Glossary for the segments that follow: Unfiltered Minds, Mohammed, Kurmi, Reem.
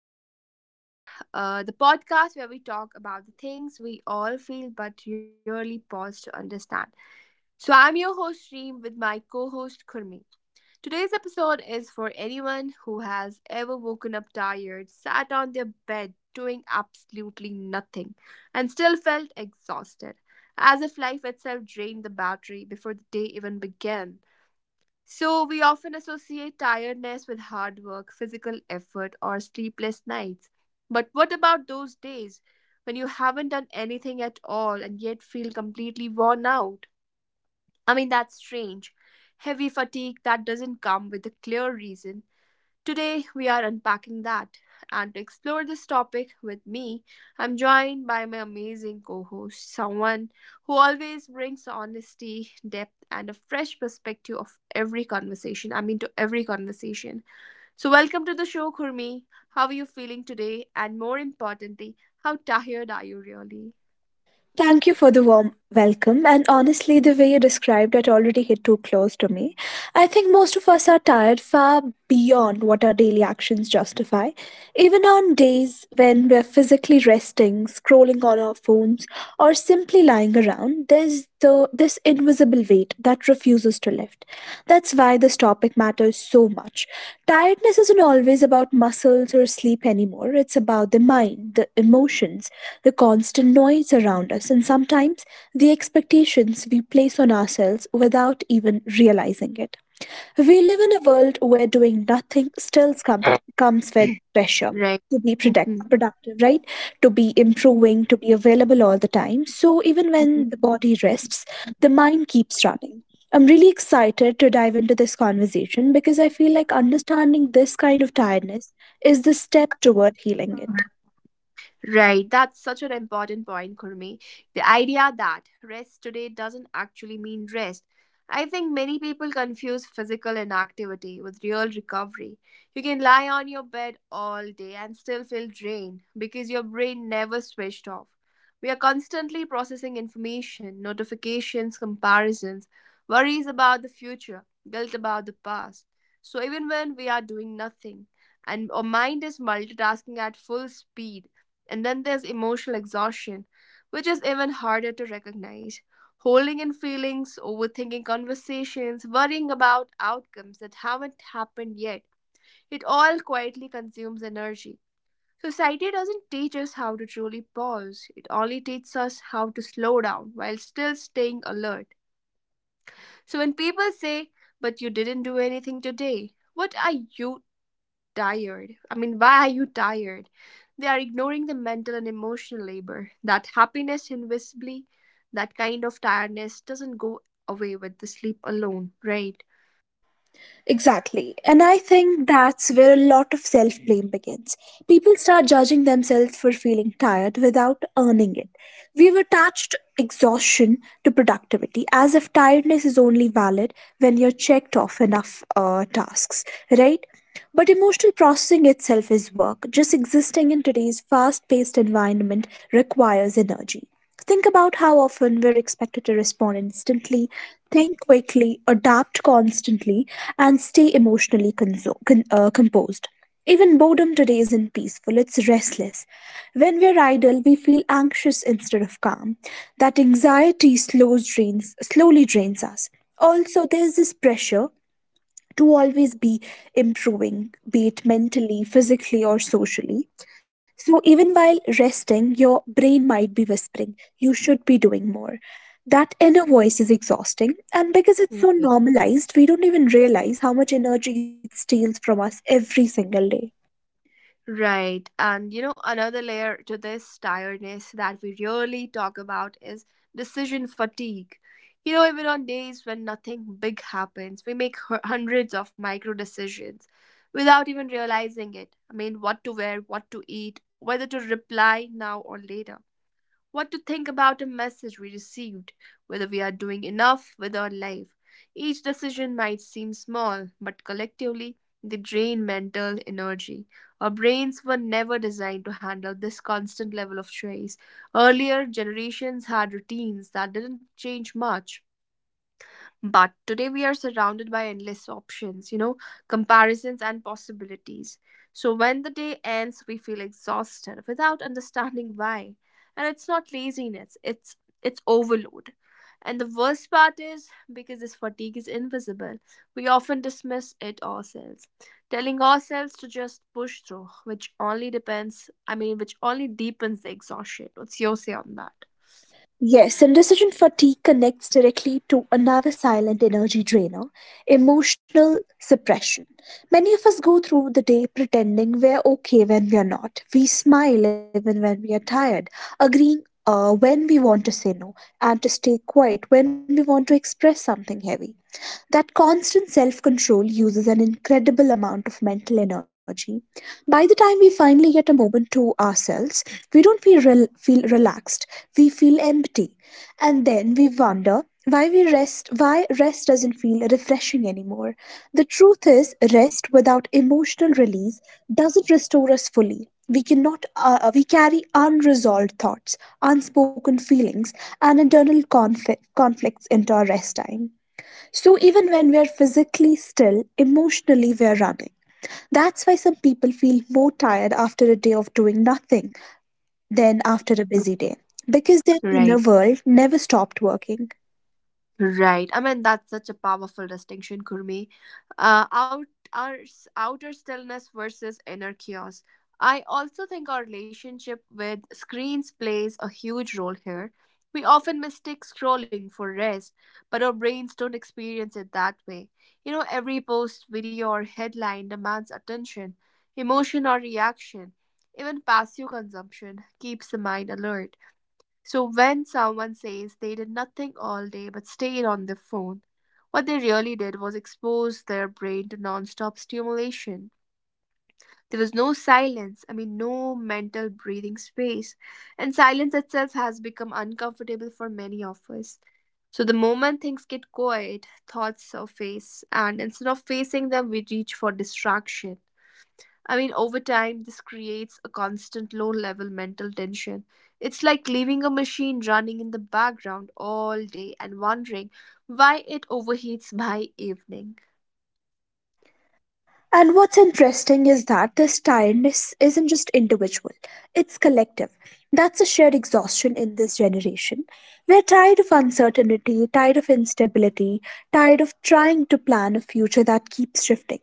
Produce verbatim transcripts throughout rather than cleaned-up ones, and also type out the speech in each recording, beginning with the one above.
Unfiltered Minds, uh, the podcast where we talk about the things we all feel but rarely pause to understand. So, I'm your host, Reem, with my co host, Kurmi. Today's episode is for anyone who has ever woken up tired, sat on their bed doing absolutely nothing, and still felt exhausted, as if life itself drained the battery before the day even began. So, we often associate tiredness with hard work, physical effort, or sleepless nights. But what about those days when you haven't done anything at all and yet feel completely worn out? I mean, that's strange. Heavy fatigue that doesn't come with a clear reason. Today, we are unpacking that. And to explore this topic with me, I'm joined by my amazing co host, someone who always brings honesty, depth, and a fresh perspective of every conversation. I mean, to every conversation. So, welcome to the show, Kurmi. How are you feeling today? And more importantly, how tired are you really? Thank you for the warm welcome. And honestly, the way you described it already hit too close to me. I think most of us are tired far beyond what our daily actions justify. Even on days when we're physically resting, scrolling on our phones, or simply lying around, there's the this invisible weight that refuses to lift. That's why this topic matters so much. Tiredness isn't always about muscles or sleep anymore. It's about the mind, the emotions, the constant noise around us, and sometimes the expectations we place on ourselves without even realizing it. We live in a world where doing nothing still comes, comes with pressure Right. to be product, Mhm. productive, right? To be improving, to be available all the time. So even Mhm. when the body rests, the mind keeps running. I'm really excited to dive into this conversation because I feel like understanding this kind of tiredness is the step toward healing it. Right, that's such an important point, Kurmi. The idea that rest today doesn't actually mean rest. I think many people confuse physical inactivity with real recovery. You can lie on your bed all day and still feel drained because your brain never switched off. We are constantly processing information, notifications, comparisons, worries about the future, guilt about the past. So even when we are doing nothing and our mind is multitasking at full speed, and then there's emotional exhaustion, which is even harder to recognize. Holding in feelings, overthinking conversations, worrying about outcomes that haven't happened yet. It all quietly consumes energy. Society doesn't teach us how to truly pause, it only teaches us how to slow down while still staying alert. So when people say, "But you didn't do anything today, what are you tired. I mean, why are you tired?" They are ignoring the mental and emotional labor. That happiness invisibly, that kind of tiredness doesn't go away with the sleep alone, right? Exactly. And I think that's where a lot of self blame begins. People start judging themselves for feeling tired without earning it. We've attached exhaustion to productivity as if tiredness is only valid when you're checked off enough uh, tasks, right? But emotional processing itself is work. Just existing in today's fast paced environment requires energy. Think about how often we're expected to respond instantly, think quickly, adapt constantly, and stay emotionally conso- con- uh, composed. Even boredom today isn't peaceful, it's restless. When we're idle, we feel anxious instead of calm. That anxiety slows drains, slowly drains us. Also, there's this pressure to always be improving, be it mentally, physically, or socially. So, even while resting, your brain might be whispering, you should be doing more. That inner voice is exhausting, and because it's Yeah. so normalized, we don't even realize how much energy it steals from us every single day. Right. And you know, another layer to this tiredness that we really talk about is decision fatigue. You know, even on days when nothing big happens, we make hu- hundreds of micro decisions without even realizing it. I mean, what to wear, what to eat, whether to reply now or later, what to think about a message we received, whether we are doing enough with our life. Each decision might seem small, but collectively they drain mental energy. Our brains were never designed to handle this constant level of stress. Earlier generations had routines that didn't change much, but today we are surrounded by endless options, you know, comparisons and possibilities. So when the day ends, we feel exhausted without understanding why. And it's not laziness, it's it's overload. And the worst part is because this fatigue is invisible, we often dismiss it ourselves, telling ourselves to just push through, which only depends, I mean, which only deepens the exhaustion. What's your say on that? Yes, and decision fatigue connects directly to another silent energy drainer: emotional suppression. Many of us go through the day pretending we're okay when we're not. We smile even when we are tired, agreeing uh, when we want to say no, and to stay quiet when we want to express something heavy. That constant self control uses an incredible amount of mental energy. By the time we finally get a moment to ourselves, we don't feel, rel- feel relaxed, we feel empty. And then we wonder why we rest why rest doesn't feel refreshing anymore. The truth is, rest without emotional release doesn't restore us fully. We cannot uh, uh, we carry unresolved thoughts, unspoken feelings, and internal conf- conflicts into our rest time. So even when we're physically still, emotionally we're running. That's why some people feel more tired after a day of doing nothing than after a busy day, because their inner Right. world never stopped working. Right. I mean, that's such a powerful distinction, Kurmi. Uh, out, our, s- outer stillness versus inner chaos. I also think our relationship with screens plays a huge role here. We often mistake scrolling for rest, but our brains don't experience it that way. You know, every post, video, or headline demands attention, emotion, or reaction. Even passive consumption keeps the mind alert. So when someone says they did nothing all day but stayed on their phone, what they really did was expose their brain to nonstop stimulation. There was no silence, I mean, no mental breathing space. And silence itself has become uncomfortable for many of us. So the moment things get quiet, thoughts surface, and instead of facing them, we reach for distraction. I mean, over time, this creates a constant low level mental tension. It's like leaving a machine running in the background all day and wondering why it overheats by evening. And what's interesting is that this tiredness isn't just individual, it's collective. That's a shared exhaustion in this generation. We're tired of uncertainty, tired of instability, tired of trying to plan a future that keeps shifting.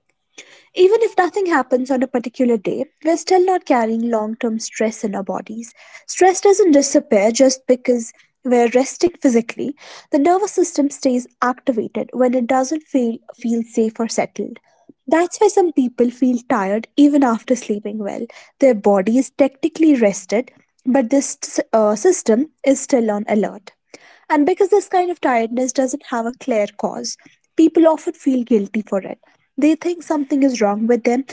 Even if nothing happens on a particular day, we're still not carrying long term stress in our bodies. Stress doesn't disappear just because we're resting physically. The nervous system stays activated when it doesn't feel, feel safe or settled. That's why some people feel tired even after sleeping well. Their body is technically rested, but this uh, system is still on alert. And because this kind of tiredness doesn't have a clear cause, people often feel guilty for it. They think something is wrong with them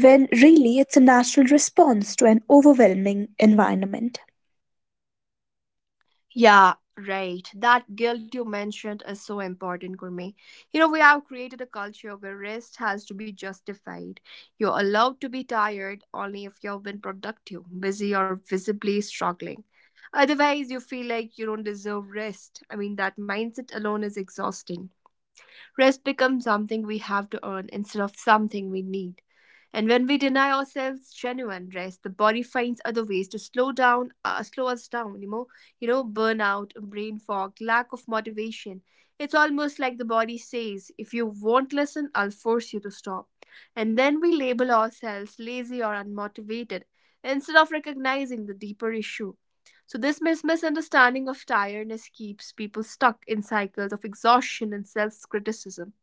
when really it's a natural response to an overwhelming environment. Yeah, right. That guilt you mentioned is so important, Gurmeet. You know, we have created a culture where rest has to be justified. You're allowed to be tired only if you've been productive, busy, or visibly struggling. Otherwise, you feel like you don't deserve rest. I mean, that mindset alone is exhausting. Rest becomes something we have to earn instead of something we need. And when we deny ourselves genuine rest, the body finds other ways to slow down, uh, slow us down. You know, you know, burnout, brain fog, lack of motivation. It's almost like the body says, "If you won't listen, I'll force you to stop." And then we label ourselves lazy or unmotivated instead of recognizing the deeper issue. So this mis- misunderstanding of tiredness keeps people stuck in cycles of exhaustion and self-criticism,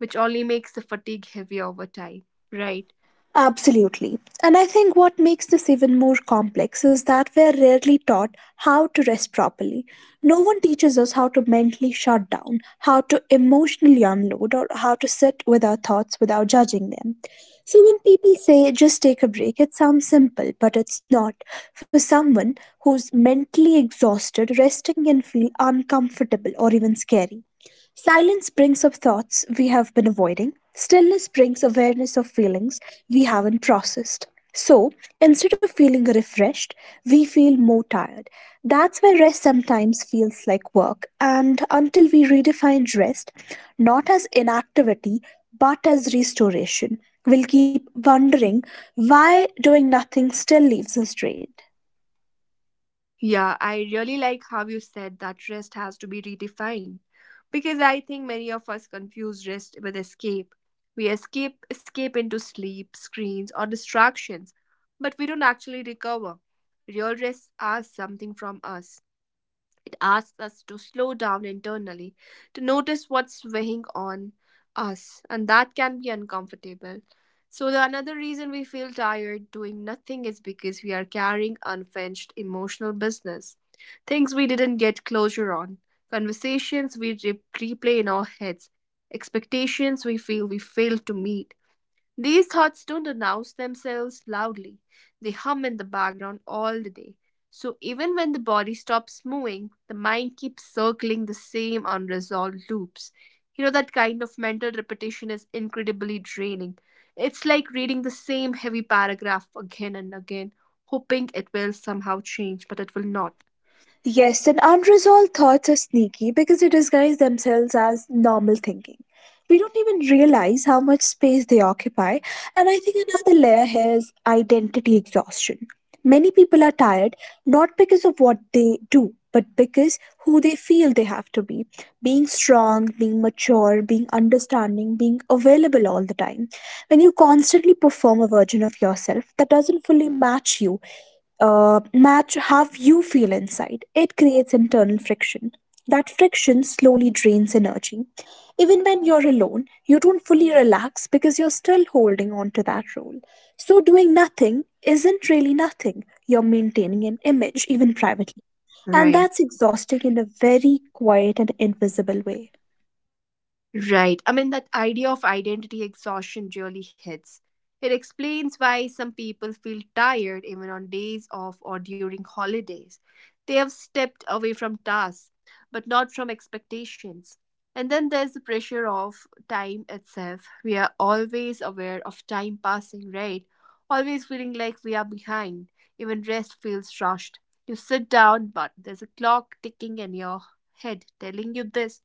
which only makes the fatigue heavier over time. Right. Absolutely. And I think what makes this even more complex is that we are rarely taught how to rest properly. No one teaches us how to mentally shut down, how to emotionally unload, or how to sit with our thoughts without judging them. So when people say just take a break, it sounds simple, but it's not. For someone who's mentally exhausted, resting can feel uncomfortable or even scary. Silence brings up thoughts we have been avoiding. Stillness brings awareness of feelings we haven't processed. So, instead of feeling refreshed, we feel more tired. That's why rest sometimes feels like work. And until we redefine rest, not as inactivity, but as restoration, we'll keep wondering why doing nothing still leaves us drained. Yeah, I really like how you said that rest has to be redefined because I think many of us confuse rest with escape. We escape escape into sleep, screens or distractions, but we don't actually recover. Real rest asks something from us. It asks us to slow down internally, to notice what's weighing on us, and that can be uncomfortable. So, the another reason we feel tired doing nothing is because we are carrying unfinished emotional business, things we didn't get closure on, conversations we re- replay in our heads, expectations we feel we failed to meet. These thoughts don't announce themselves loudly, they hum in the background all the day. So even when the body stops moving, the mind keeps circling the same unresolved loops. You know, that kind of mental repetition is incredibly draining. It's like reading the same heavy paragraph again and again, hoping it will somehow change, but it will not. Yes, and unresolved thoughts are sneaky because they disguise themselves as normal thinking. We don't even realize how much space they occupy, and I think another layer here is identity exhaustion. Many people are tired not because of what they do, but because who they feel they have to be. Being strong, being mature, being understanding, being available all the time. When you constantly perform a version of yourself that doesn't fully match you, uh, match how you feel inside, it creates internal friction. That friction slowly drains energy. Even when you're alone, you don't fully relax because you're still holding on to that role. So, doing nothing isn't really nothing. You're maintaining an image, even privately. And Right. that's exhausting in a very quiet and invisible way. Right. I mean, that idea of identity exhaustion really hits. It explains why some people feel tired even on days off or during holidays. They have stepped away from tasks, but not from expectations. And then there's the pressure of time itself. We are always aware of time passing, right? Always feeling like we are behind. Even rest feels rushed. You sit down, but there's a clock ticking in your head telling you this.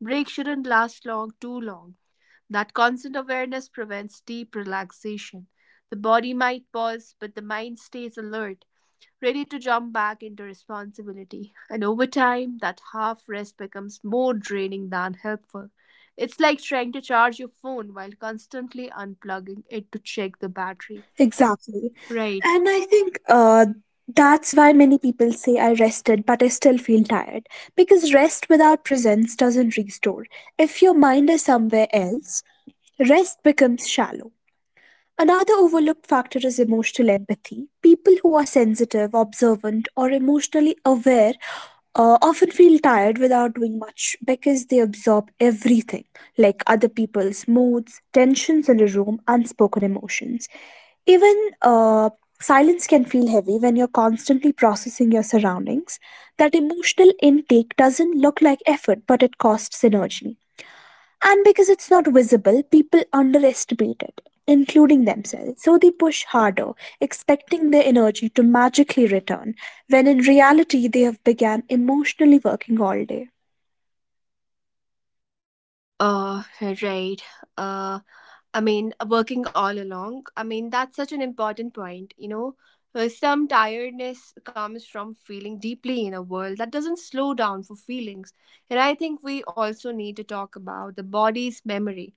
Breaks shouldn't last long too long. That constant awareness prevents deep relaxation. The body might pause, but the mind stays alert, ready to jump back into responsibility. And over time, that half rest becomes more draining than helpful. It's like trying to charge your phone while constantly unplugging it to check the battery. Exactly. Right. And I think uh, that's why many people say I rested, but I still feel tired. Because rest without presence doesn't restore. If your mind is somewhere else, rest becomes shallow. Another overlooked factor is emotional empathy. People who are sensitive, observant, or emotionally aware uh, often feel tired without doing much because they absorb everything, like other people's moods, tensions in the room, unspoken emotions. Even uh, silence can feel heavy when you're constantly processing your surroundings. That emotional intake doesn't look like effort, but it costs energy. And because it's not visible, people underestimate it, including themselves. So they push harder, expecting their energy to magically return, when in reality they have began emotionally working all day. Uh, right. Uh, I mean, uh, working all along. I mean, that's such an important point, you know. Uh, Some tiredness comes from feeling deeply in a world that doesn't slow down for feelings. And I think we also need to talk about the body's memory.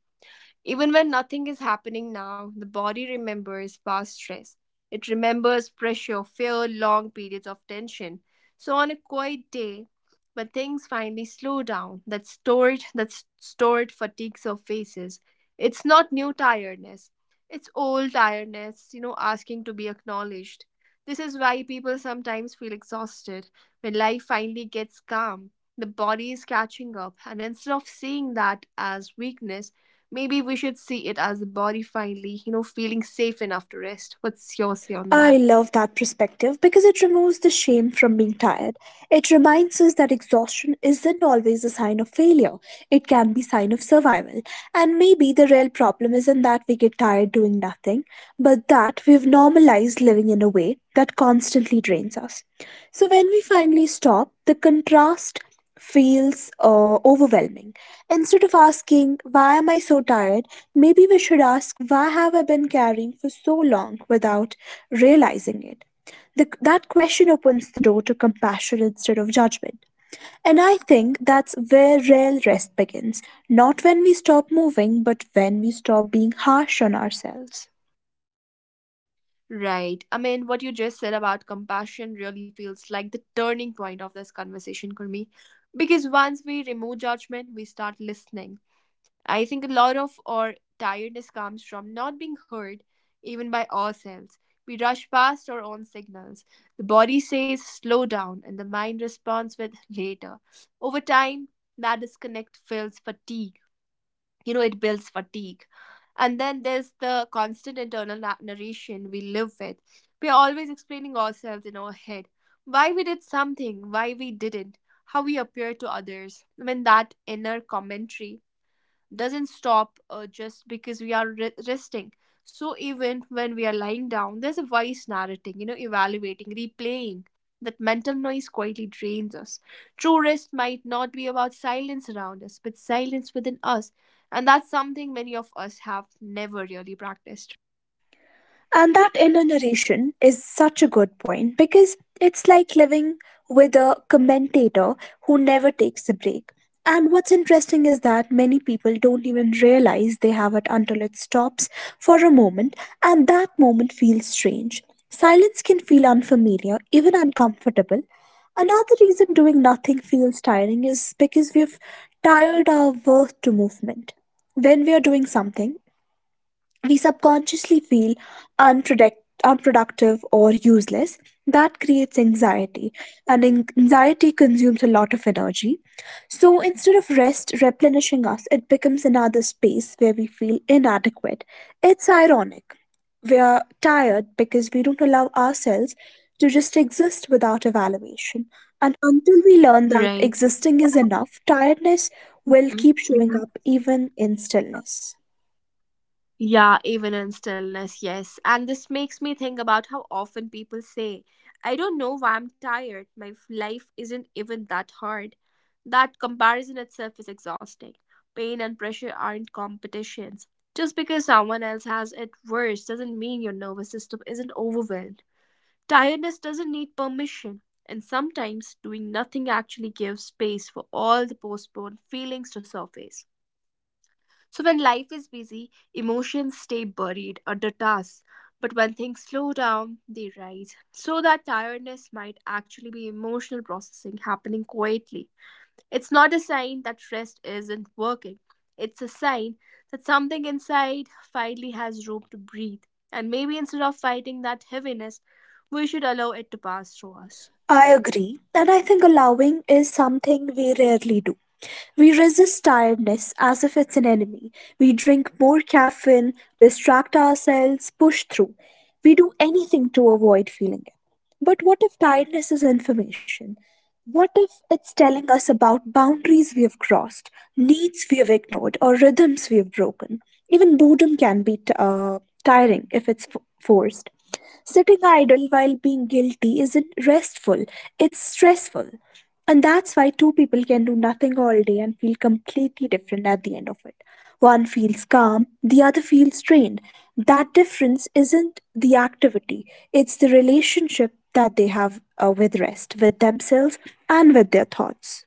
Even when nothing is happening now, the body remembers past stress. It remembers pressure, fear, long periods of tension. So on a quiet day, when things finally slow down, that stored that s- stored fatigue surfaces. It's not new tiredness. It's old tiredness, you know, asking to be acknowledged. This is why people sometimes feel exhausted when life finally gets calm. The body is catching up, and instead of seeing that as weakness, maybe we should see it as a body finally, you know, feeling safe enough to rest. What's your say on I that? love that perspective because it removes the shame from being tired. It reminds us that exhaustion isn't always a sign of failure. It can be sign of survival. And maybe the real problem isn't that we get tired doing nothing, but that we've normalized living in a way that constantly drains us. So when we finally stop, the contrast feels uh, overwhelming. Instead of asking, why am I so tired? Maybe we should ask, why have I been carrying for so long without realizing it? The, that question opens the door to compassion instead of judgment. And I think that's where real rest begins. Not when we stop moving, but when we stop being harsh on ourselves. Right. I mean, what you just said about compassion really feels like the turning point of this conversation, Kurmi. Because once we remove judgment, we start listening. I think a lot of our tiredness comes from not being heard, even by ourselves. We rush past our own signals. The body says slow down, and the mind responds with later. Over time, that disconnect feels fatigue. You know, it builds fatigue. And then there's the constant internal na- narration we live with. We are always explaining ourselves in our head, why we did something, why we didn't, how we appear to others, when that inner commentary doesn't stop uh, just because we are re- resting. So even when we are lying down, there's a voice narrating, you know, evaluating, replaying. That mental noise quietly drains us. True rest might not be about silence around us, but silence within us. And that's something many of us have never really practiced, right? And that enumeration is such a good point because it's like living with a commentator who never takes a break. And what's interesting is that many people don't even realize they have it until it stops for a moment, and that moment feels strange. Silence can feel unfamiliar, even uncomfortable. Another reason doing nothing feels tiring is because we've tired our worth to movement. When we are doing something, we subconsciously feel unproduct- unproductive or useless. That creates anxiety, and an- anxiety consumes a lot of energy. So instead of rest replenishing us, it becomes another space where we feel inadequate. It's ironic. We are tired because we don't allow ourselves to just exist without evaluation. And until we learn that Right. existing is enough, tiredness will Mhm. keep showing up even in stillness. Yeah, even in stillness, yes. And this makes me think about how often people say, "I don't know why I'm tired. My f- life isn't even that hard." That comparison itself is exhausting. Pain and pressure aren't competitions. Just because someone else has it worse doesn't mean your nervous system isn't overwhelmed. Tiredness doesn't need permission. And sometimes doing nothing actually gives space for all the postponed feelings to surface. So when life is busy, emotions stay buried under tasks. But when things slow down, they rise. So that tiredness might actually be emotional processing happening quietly. It's not a sign that rest isn't working. It's a sign that something inside finally has room to breathe. And maybe instead of fighting that heaviness, we should allow it to pass through us. I Do you agree agree, with that? and I think allowing is something we rarely do. We resist tiredness as if it's an enemy. We drink more caffeine, distract ourselves, push through. We do anything to avoid feeling it. But what if tiredness is information? What if it's telling us about boundaries we have crossed, needs we have ignored, or rhythms we have broken? Even boredom can be t- uh, tiring if it's f- forced. Sitting idle while being guilty isn't restful, it's stressful. And that's why two people can do nothing all day and feel completely different at the end of it. One feels calm, the other feels drained. That difference isn't the activity, it's the relationship that they have uh, with rest, with themselves, and with their thoughts.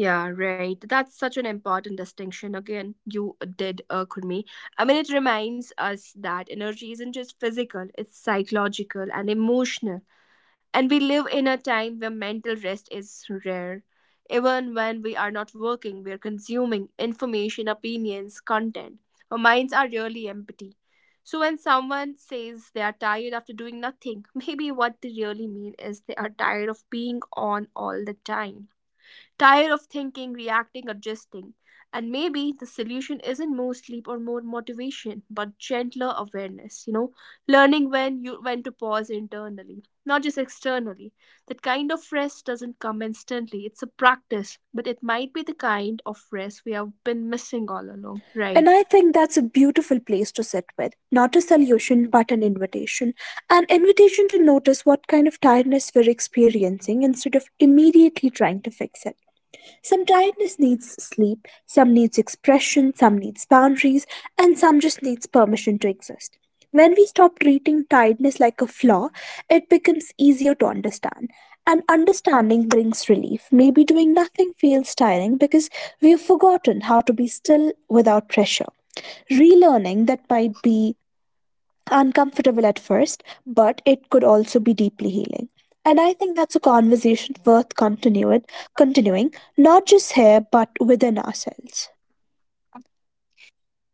Yeah, right. That's such an important distinction. Again, you uh, did, uh, Kurmi. I mean, it reminds us that energy isn't just physical, it's psychological and emotional. And we live in a time where mental rest is rare. Even when we are not working, we're consuming information, opinions, content. Our minds are really empty. So when someone says they are tired after doing nothing, maybe what they really mean is they are tired of being on all the time, tired of thinking, reacting, adjusting. And maybe the solution isn't more sleep or more motivation, but gentler awareness, you know, learning when you when to pause internally, not just externally. That kind of rest doesn't come instantly. It's a practice, but it might be the kind of rest we have been missing all along, And right? I think that's a beautiful place to sit with, not a solution, but an invitation. An invitation to notice what kind of tiredness we're experiencing instead of immediately trying to fix it. Some tiredness needs sleep, some needs expression, some needs boundaries, and some just needs permission to exist. When we stop treating tiredness like a flaw, it becomes easier to understand. And understanding brings relief. Maybe doing nothing feels tiring because we've forgotten how to be still without pressure. Relearning that might be uncomfortable at first, but it could also be deeply healing. And I think that's a conversation worth continuing, continuing, not just here, but within ourselves.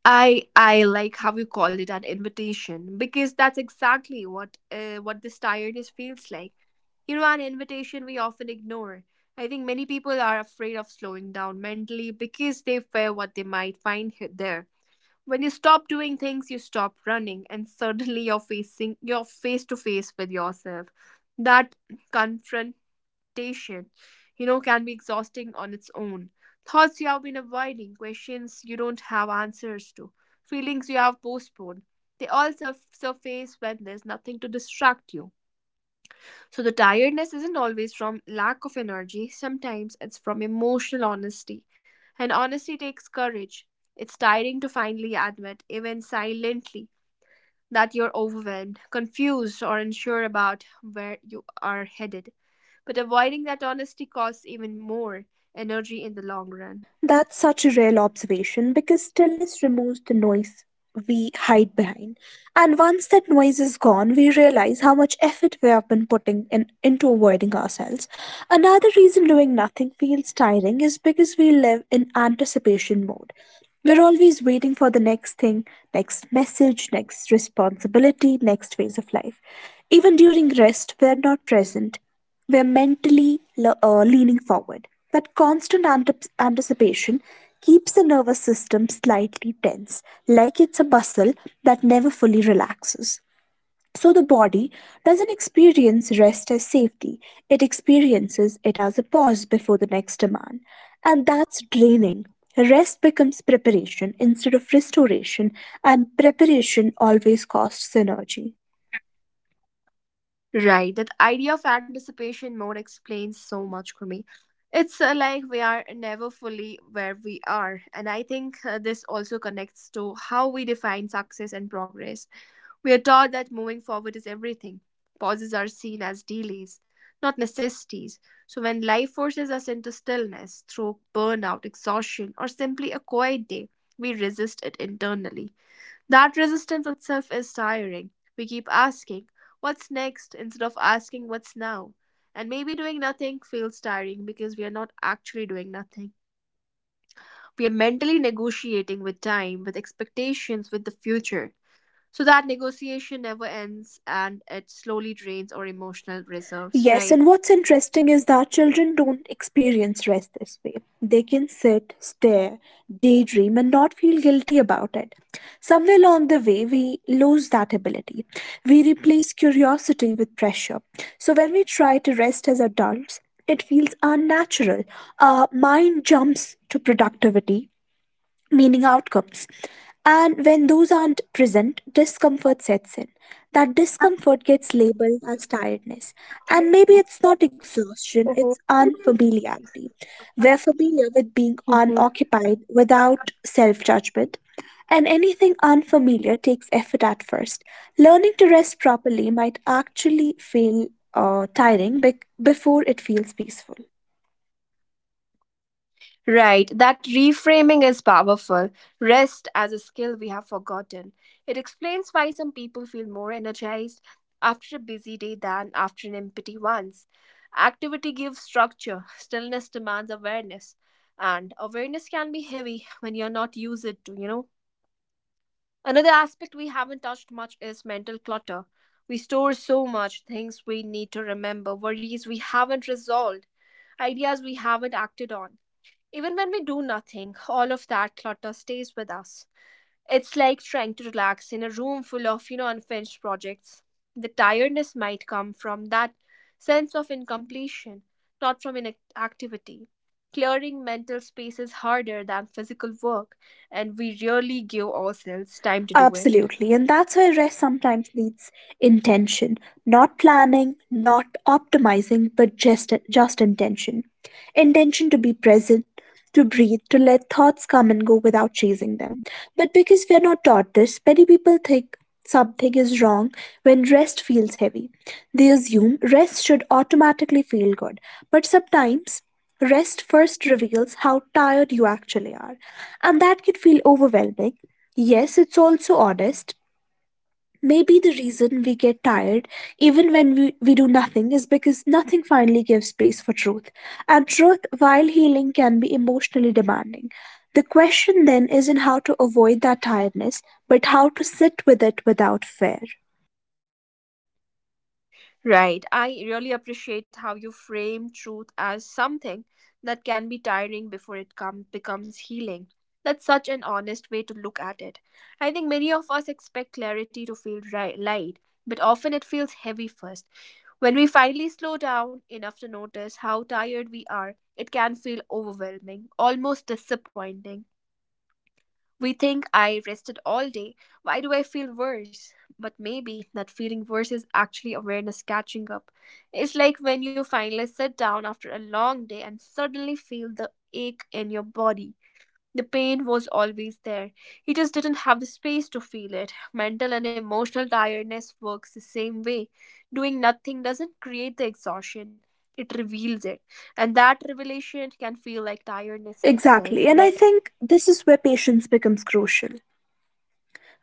I I like how you called it an invitation because that's exactly what uh, what this tiredness feels like. You know, an invitation we often ignore. I think many people are afraid of slowing down mentally because they fear what they might find he- there. When you stop doing things, you stop running, and suddenly you're facing you're face to face with yourself. That confront meditation, you know, can be exhausting on its own. Thoughts you have been avoiding, questions you don't have answers to, feelings you have postponed. They all surf- surface when there's nothing to distract you. So the tiredness isn't always from lack of energy, sometimes it's from emotional honesty. And honesty takes courage. It's tiring to finally admit, even silently, that you're overwhelmed, confused, or unsure about where you are headed. But avoiding that honesty costs even more energy in the long run. That's Right. such a real observation because stillness removes the noise we hide behind. And once that noise is gone, we realize how much effort we have been putting in, into avoiding ourselves. Another reason doing nothing feels tiring is because we live in anticipation mode. We're always waiting for the next thing, next message, next responsibility, next phase of life. Even during rest, we're not present. We're mentally le- uh, leaning forward. That constant antip- anticipation keeps the nervous system slightly tense, like it's a muscle that never fully relaxes. So the body doesn't experience rest as safety, it experiences it as a pause before the next demand. And that's draining. Rest becomes preparation instead of restoration, and preparation always costs energy. Right. That idea of anticipation mode explains so much for me. It's uh, like we are never fully where we are. And I think uh, this also connects to how we define success and progress. We are taught that moving forward is everything. Pauses are seen as delays, not necessities. So when life forces us into stillness, stroke, burnout, exhaustion, or simply a quiet day, we resist it internally. That resistance itself is tiring. We keep asking, what's next, instead of asking what's now. And maybe doing nothing feels tiring because we are not actually doing nothing. We are mentally negotiating with time, with expectations, with the future. So that negotiation never ends and it slowly drains our emotional reserves, Yes, right? and what's interesting is that children don't experience rest this way. They can sit, stare, daydream, and not feel guilty about it. Somewhere along the way, we lose that ability. We replace curiosity with pressure. So when we try to rest as adults, it feels unnatural. Our mind jumps to productivity meaning outcomes. And when those aren't present, discomfort sets in. That discomfort gets labeled as tiredness. And maybe it's not exhaustion, it's Mhm. unfamiliarity. We're familiar with being unoccupied without self judgment. And anything unfamiliar takes effort at first. Learning to rest properly might actually feel uh, tiring bec- before it feels peaceful. Right, that reframing is powerful. Rest as a skill we have forgotten. It explains why some people feel more energized after a busy day than after an empty one. Activity gives structure, stillness demands awareness, and awareness can be heavy when you're not used it to, you know. Another aspect we haven't touched much is mental clutter. We store so much, things we need to remember, worries we haven't resolved, ideas we haven't acted on, even when we do nothing, all of that clutter stays with us. It's like trying to relax in a room full of, you know, unfinished projects. The tiredness might come from that sense of incompletion, not from inactivity. Clearing mental space is harder than physical work, and we rarely give ourselves time to do it. Absolutely. And that's why rest sometimes needs intention, not planning, not optimizing, but just just intention. Intention to be present, to breathe, to let thoughts come and go without chasing them. But because we're not taught this, many people think something is wrong when rest feels heavy. They assume rest should automatically feel good, but sometimes rest first reveals how tired you actually are, and that can feel overwhelming. Yes, it's also honest. Maybe the reason we get tired, even when we, we do nothing, is because nothing finally gives space for truth. And truth, while healing, can be emotionally demanding. The question then isn't how to avoid that tiredness, but how to sit with it without fear. Right. I really appreciate how you frame truth as something that can be tiring before it come, becomes healing. That's such an honest way to look at it. I think many of us expect clarity to feel right, light, but often it feels heavy first. When we finally slow down enough to notice how tired we are, it can feel overwhelming, almost disappointing. We think, I rested all day. Why do I feel worse? But maybe that feeling worse is actually awareness catching up. It's like when you finally sit down after a long day and suddenly feel the ache in your body. The pain was always there. You just didn't have the space to feel it. Mental and emotional tiredness works the same way. Doing nothing doesn't create the exhaustion, it reveals it. And that revelation can feel like tiredness Exactly, itself, and I right? think this is where patience becomes crucial.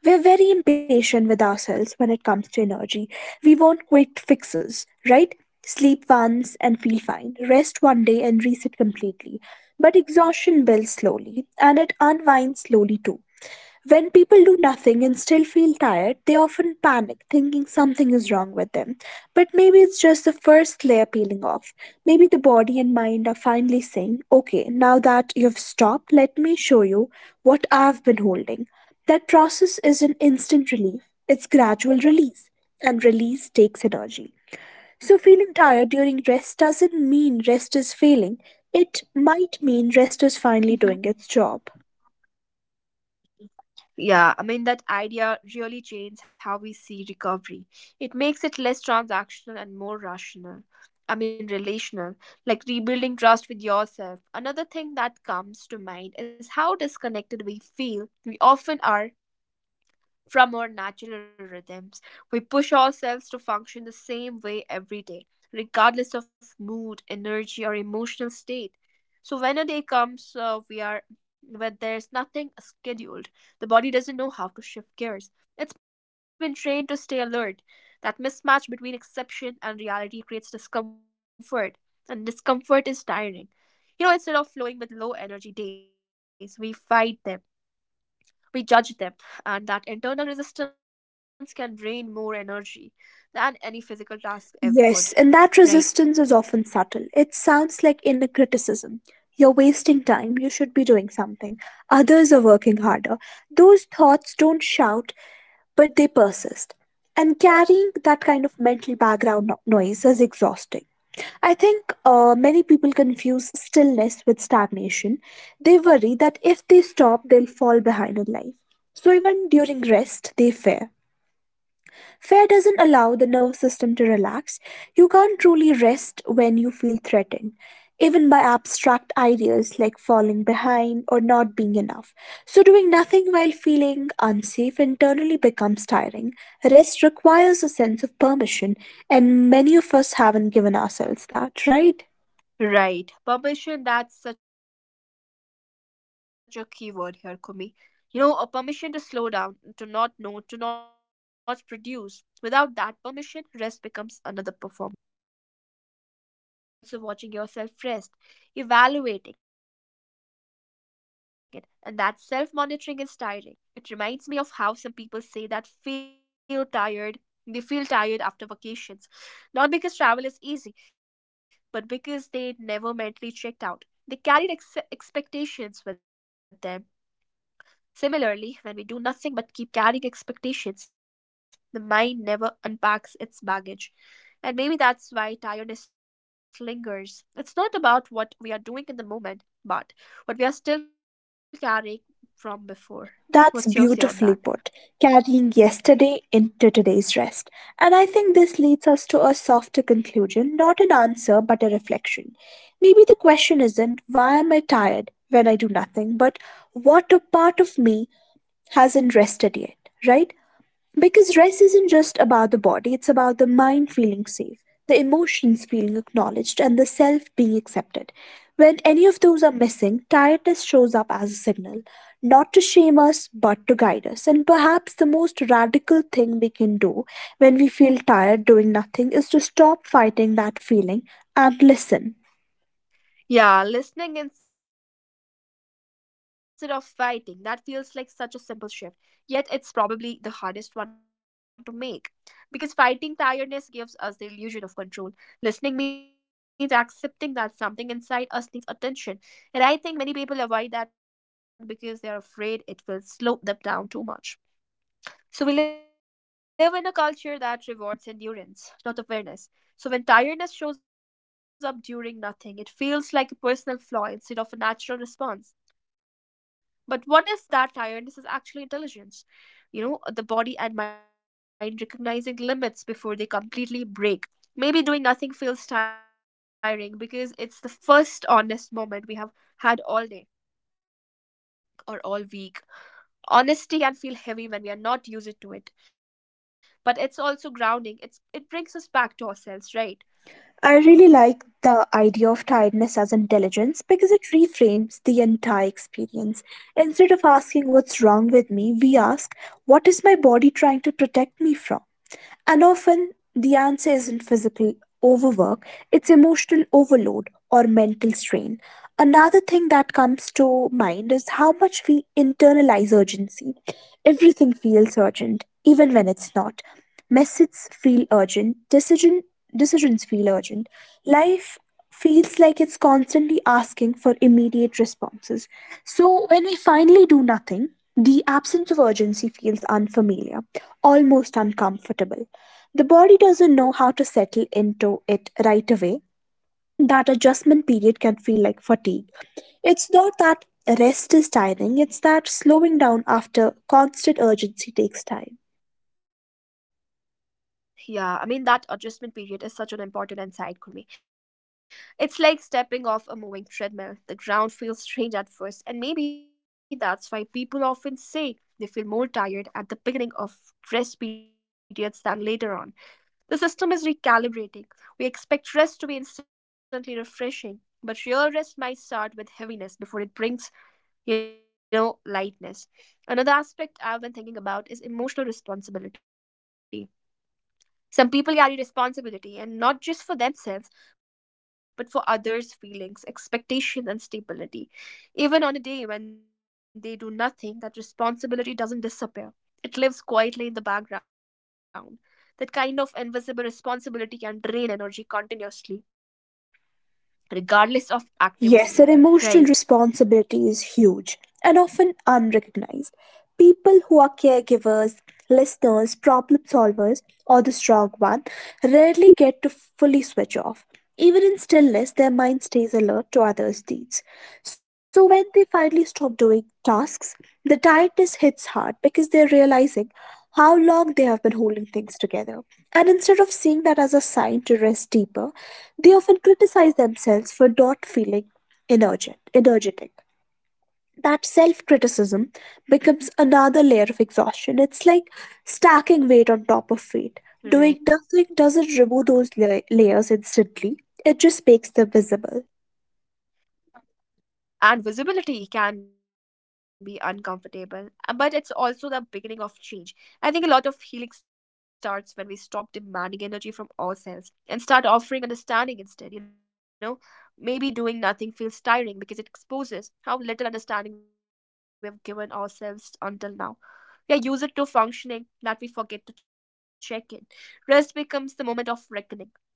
We're very impatient with ourselves when it comes to energy. We want quick fixes, right? Sleep once and feel fine, rest one day and reset completely. But exhaustion builds slowly, and it unwinds slowly too. When people do nothing and still feel tired, they often panic, thinking something is wrong with them. But maybe it's just the first layer peeling off. Maybe the body and mind are finally saying, okay, now that you've stopped, let me show you what I've been holding. That process is an instant relief, it's gradual release, and release takes energy. So, feeling tired during rest doesn't mean rest is failing, it might mean rest is finally doing its job. Yeah, I mean, that idea really changed how we see recovery. It makes it less transactional and more rational. I mean, relational, like rebuilding trust with yourself. Another thing that comes to mind is how disconnected we feel we often are from our natural rhythms. We push ourselves to function the same way every day, regardless of mood, energy, or emotional state. So when a day comes, uh, we are, when there's nothing scheduled. The body doesn't know how to shift gears. It's been trained to stay alert. That mismatch between exception and reality creates discomfort, and discomfort is tiring. You know, instead of flowing with low energy days, we fight them, we judge them, and that internal resistance can drain more energy than any physical task ever Yes, and could. that resistance is Right, often subtle. It sounds like inner criticism. You're wasting time, you should be doing something. Others are working harder. Those thoughts don't shout, but they persist. And carrying that kind of mental background no- noise is exhausting. I think uh, many people confuse stillness with stagnation. They worry that if they stop, they'll fall behind in life. So even during rest, they fear. Fear doesn't allow the nervous system to relax. You can't truly rest when you feel threatened, even by abstract ideas like falling behind or not being enough. So, doing nothing while feeling unsafe internally becomes tiring. Rest requires a sense of permission, and many of us haven't given ourselves that, right? right. Permission, that's such a key word here, Kumi. You know, a permission to slow down, to not know, to not produce. Without that permission, rest becomes another performance. You're resting, but you're also watching yourself rest, evaluating it, and that self monitoring is tiring. It reminds me of how some people say that feel tired. They feel tired after vacations, not because travel is easy, but because they never mentally checked out. They carried ex- expectations with them. Similarly, when we do nothing but keep carrying expectations, the mind never unpacks its baggage. And maybe that's why tiredness lingers. It's not about what we are doing in the moment, but what we are still carrying from before. What's your That's say on that? beautifully put, carrying yesterday into today's rest. And I think this leads us to a softer conclusion, not an answer, but a reflection. Maybe the question isn't why am I tired when I do nothing, but what a part of me hasn't rested yet, right? Because rest isn't just about the body, it's about the mind feeling safe, the emotions feeling acknowledged, and the self being accepted. When any of those are missing, tiredness shows up as a signal, not to shame us, but to guide us. And perhaps the most radical thing we can do when we feel tired doing nothing is to stop fighting that feeling and listen. Yeah, listening instead of fighting. That feels like such a simple shift. Yet it's probably the hardest one to make. Because fighting tiredness gives us the illusion of control. Listening means accepting that something inside us needs attention. And I think many people avoid that because they're afraid it will slow them down too much. So we live in a culture that rewards endurance, not awareness. So when tiredness shows up during nothing, it feels like a personal flaw instead of a natural response. But what if that tiredness is actually intelligence? You know, uh, the body and mind recognizing limits before they completely break. Maybe doing nothing feels tiring because it's the first honest moment we have had all day or all week. Honesty can feel heavy when we are not used to it, but it's also grounding. It's it brings us back to ourselves, right? I really like the idea of tiredness as intelligence because it reframes the entire experience. Instead of asking what's wrong with me, we ask, what is my body trying to protect me from? And often the answer isn't physical overwork, it's emotional overload or mental strain. Another thing that comes to mind is how much we internalize urgency. Everything feels urgent, even when it's not. Messages feel urgent, decision decisions feel urgent. Life feels like it's constantly asking for immediate responses. So when we finally do nothing, the absence of urgency feels unfamiliar, almost uncomfortable. The body doesn't know how to settle into it right away. That adjustment period can feel like fatigue. It's not that rest is tiring, it's that slowing down after constant urgency takes time. Yeah, I mean that adjustment period is such an important insight for me. It's like stepping off a moving treadmill. The ground feels strange at first, and maybe that's why people often say they feel more tired at the beginning of rest periods than later on. The system is recalibrating. We expect rest to be instantly refreshing, but real rest might start with heaviness before it brings, you know, lightness. Another aspect I've been thinking about is emotional responsibility. Some people carry responsibility, and not just for themselves, but for others' feelings, expectations, and stability. Even on a day when they do nothing, that responsibility doesn't disappear. It lives quietly in the background. That kind of invisible responsibility can drain energy continuously, regardless of Yes, activity their level, emotional right? responsibility is huge and often unrecognized. People who are caregivers, listeners, problem solvers, or the strong one rarely get to fully switch off. Even in stillness, their mind stays alert to others' needs. So when they finally stop doing tasks, the tiredness hits hard because they're realizing how long they have been holding things together. And instead of seeing that as a sign to rest deeper, they often criticize themselves for not feeling energet- energetic. That self criticism becomes another layer of exhaustion. It's like stacking weight on top of weight. Doing nothing doesn't remove those la- Right. layers instantly, it just makes them visible. And visibility can be uncomfortable, uh, but it's also the beginning of change. I think a lot of healing starts when we stop demanding energy from ourselves and start offering understanding instead, you know. Maybe doing nothing feels tiring because it exposes how little understanding we've given ourselves until now. We are used to functioning that we forget to check in. Rest becomes the moment of reckoning,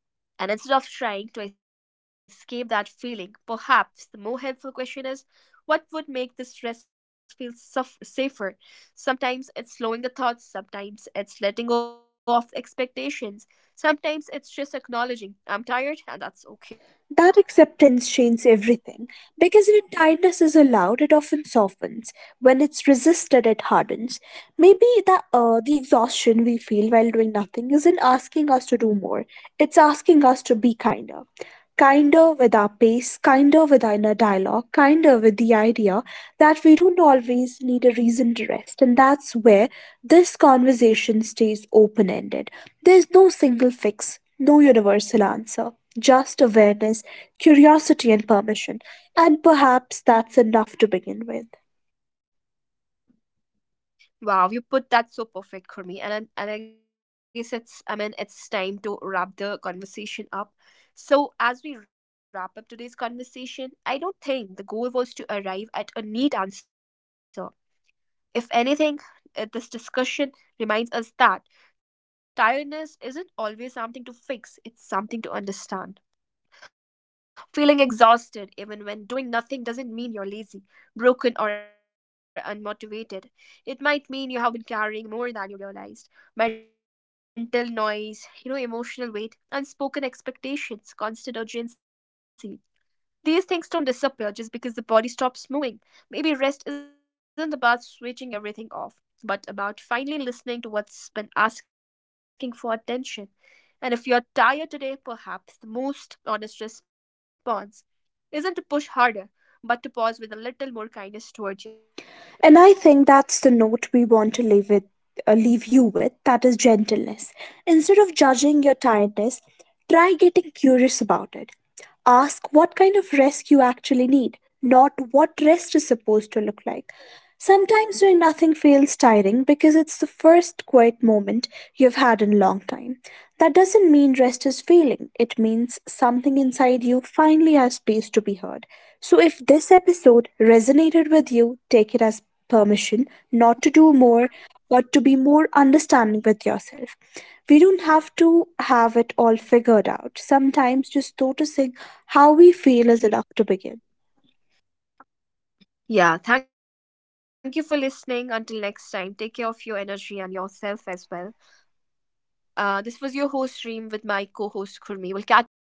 and instead of trying to escape that feeling, perhaps the more helpful question is, what would make this stress feel suf- safer? Sometimes it's slowing the thoughts, sometimes it's letting go of expectations, sometimes it's just acknowledging I'm tired and that's okay, That right? acceptance changes everything because when kindness is allowed, it often softens. When it's resisted, it hardens. Maybe the uh, the exhaustion we feel while doing nothing isn't asking us to do more. It's asking us to be kinder, kinder with our pace, kinder with our inner dialogue, kinder with the idea that we don't always need a reason to rest, and that's where this conversation stays open ended there's no single fix, no universal answer, just awareness, curiosity, and permission. And perhaps that's enough to begin with. Wow, you put that so perfect, Kurmi. And I, and I guess it's I mean it's time to wrap the conversation up. So as we wrap up today's conversation, I don't think the goal was to arrive at a neat answer. If anything, uh, this discussion reminds us that tiredness isn't always something to fix; it's something to understand. Feeling exhausted even when doing nothing doesn't mean you're lazy, broken, or unmotivated. It might mean you have been carrying more than you realized. Mental noise, you know, emotional weight, unspoken expectations, constant urgency. These things don't disappear just because the body stops moving. Maybe rest isn't about switching everything off, but about finally listening to what's been asking for attention. And if you're tired today, perhaps the most honest response isn't to push harder, but to pause with a little more kindness towards And I yourself. think What do that's you the say? note we want to leave it, uh, leave you with. That is gentleness. Instead of judging your tiredness, try getting curious about it. Ask what kind of rest you actually need, not what rest is supposed to look like. Sometimes doing nothing feels tiring because it's the first quiet moment you've had in a long time. That doesn't mean rest is failing, it means something inside you finally has space to be heard. So, if this episode resonated with you, take it as permission not to do more, but to be more understanding with yourself. We don't have to have it all figured out. Sometimes just noticing how we feel is Ye- enough to begin. Yeah, thank you for listening. Until next time, take care of your energy and yourself as well. Uh, this was your host, Reem, with my co host, Kurmi. We'll catch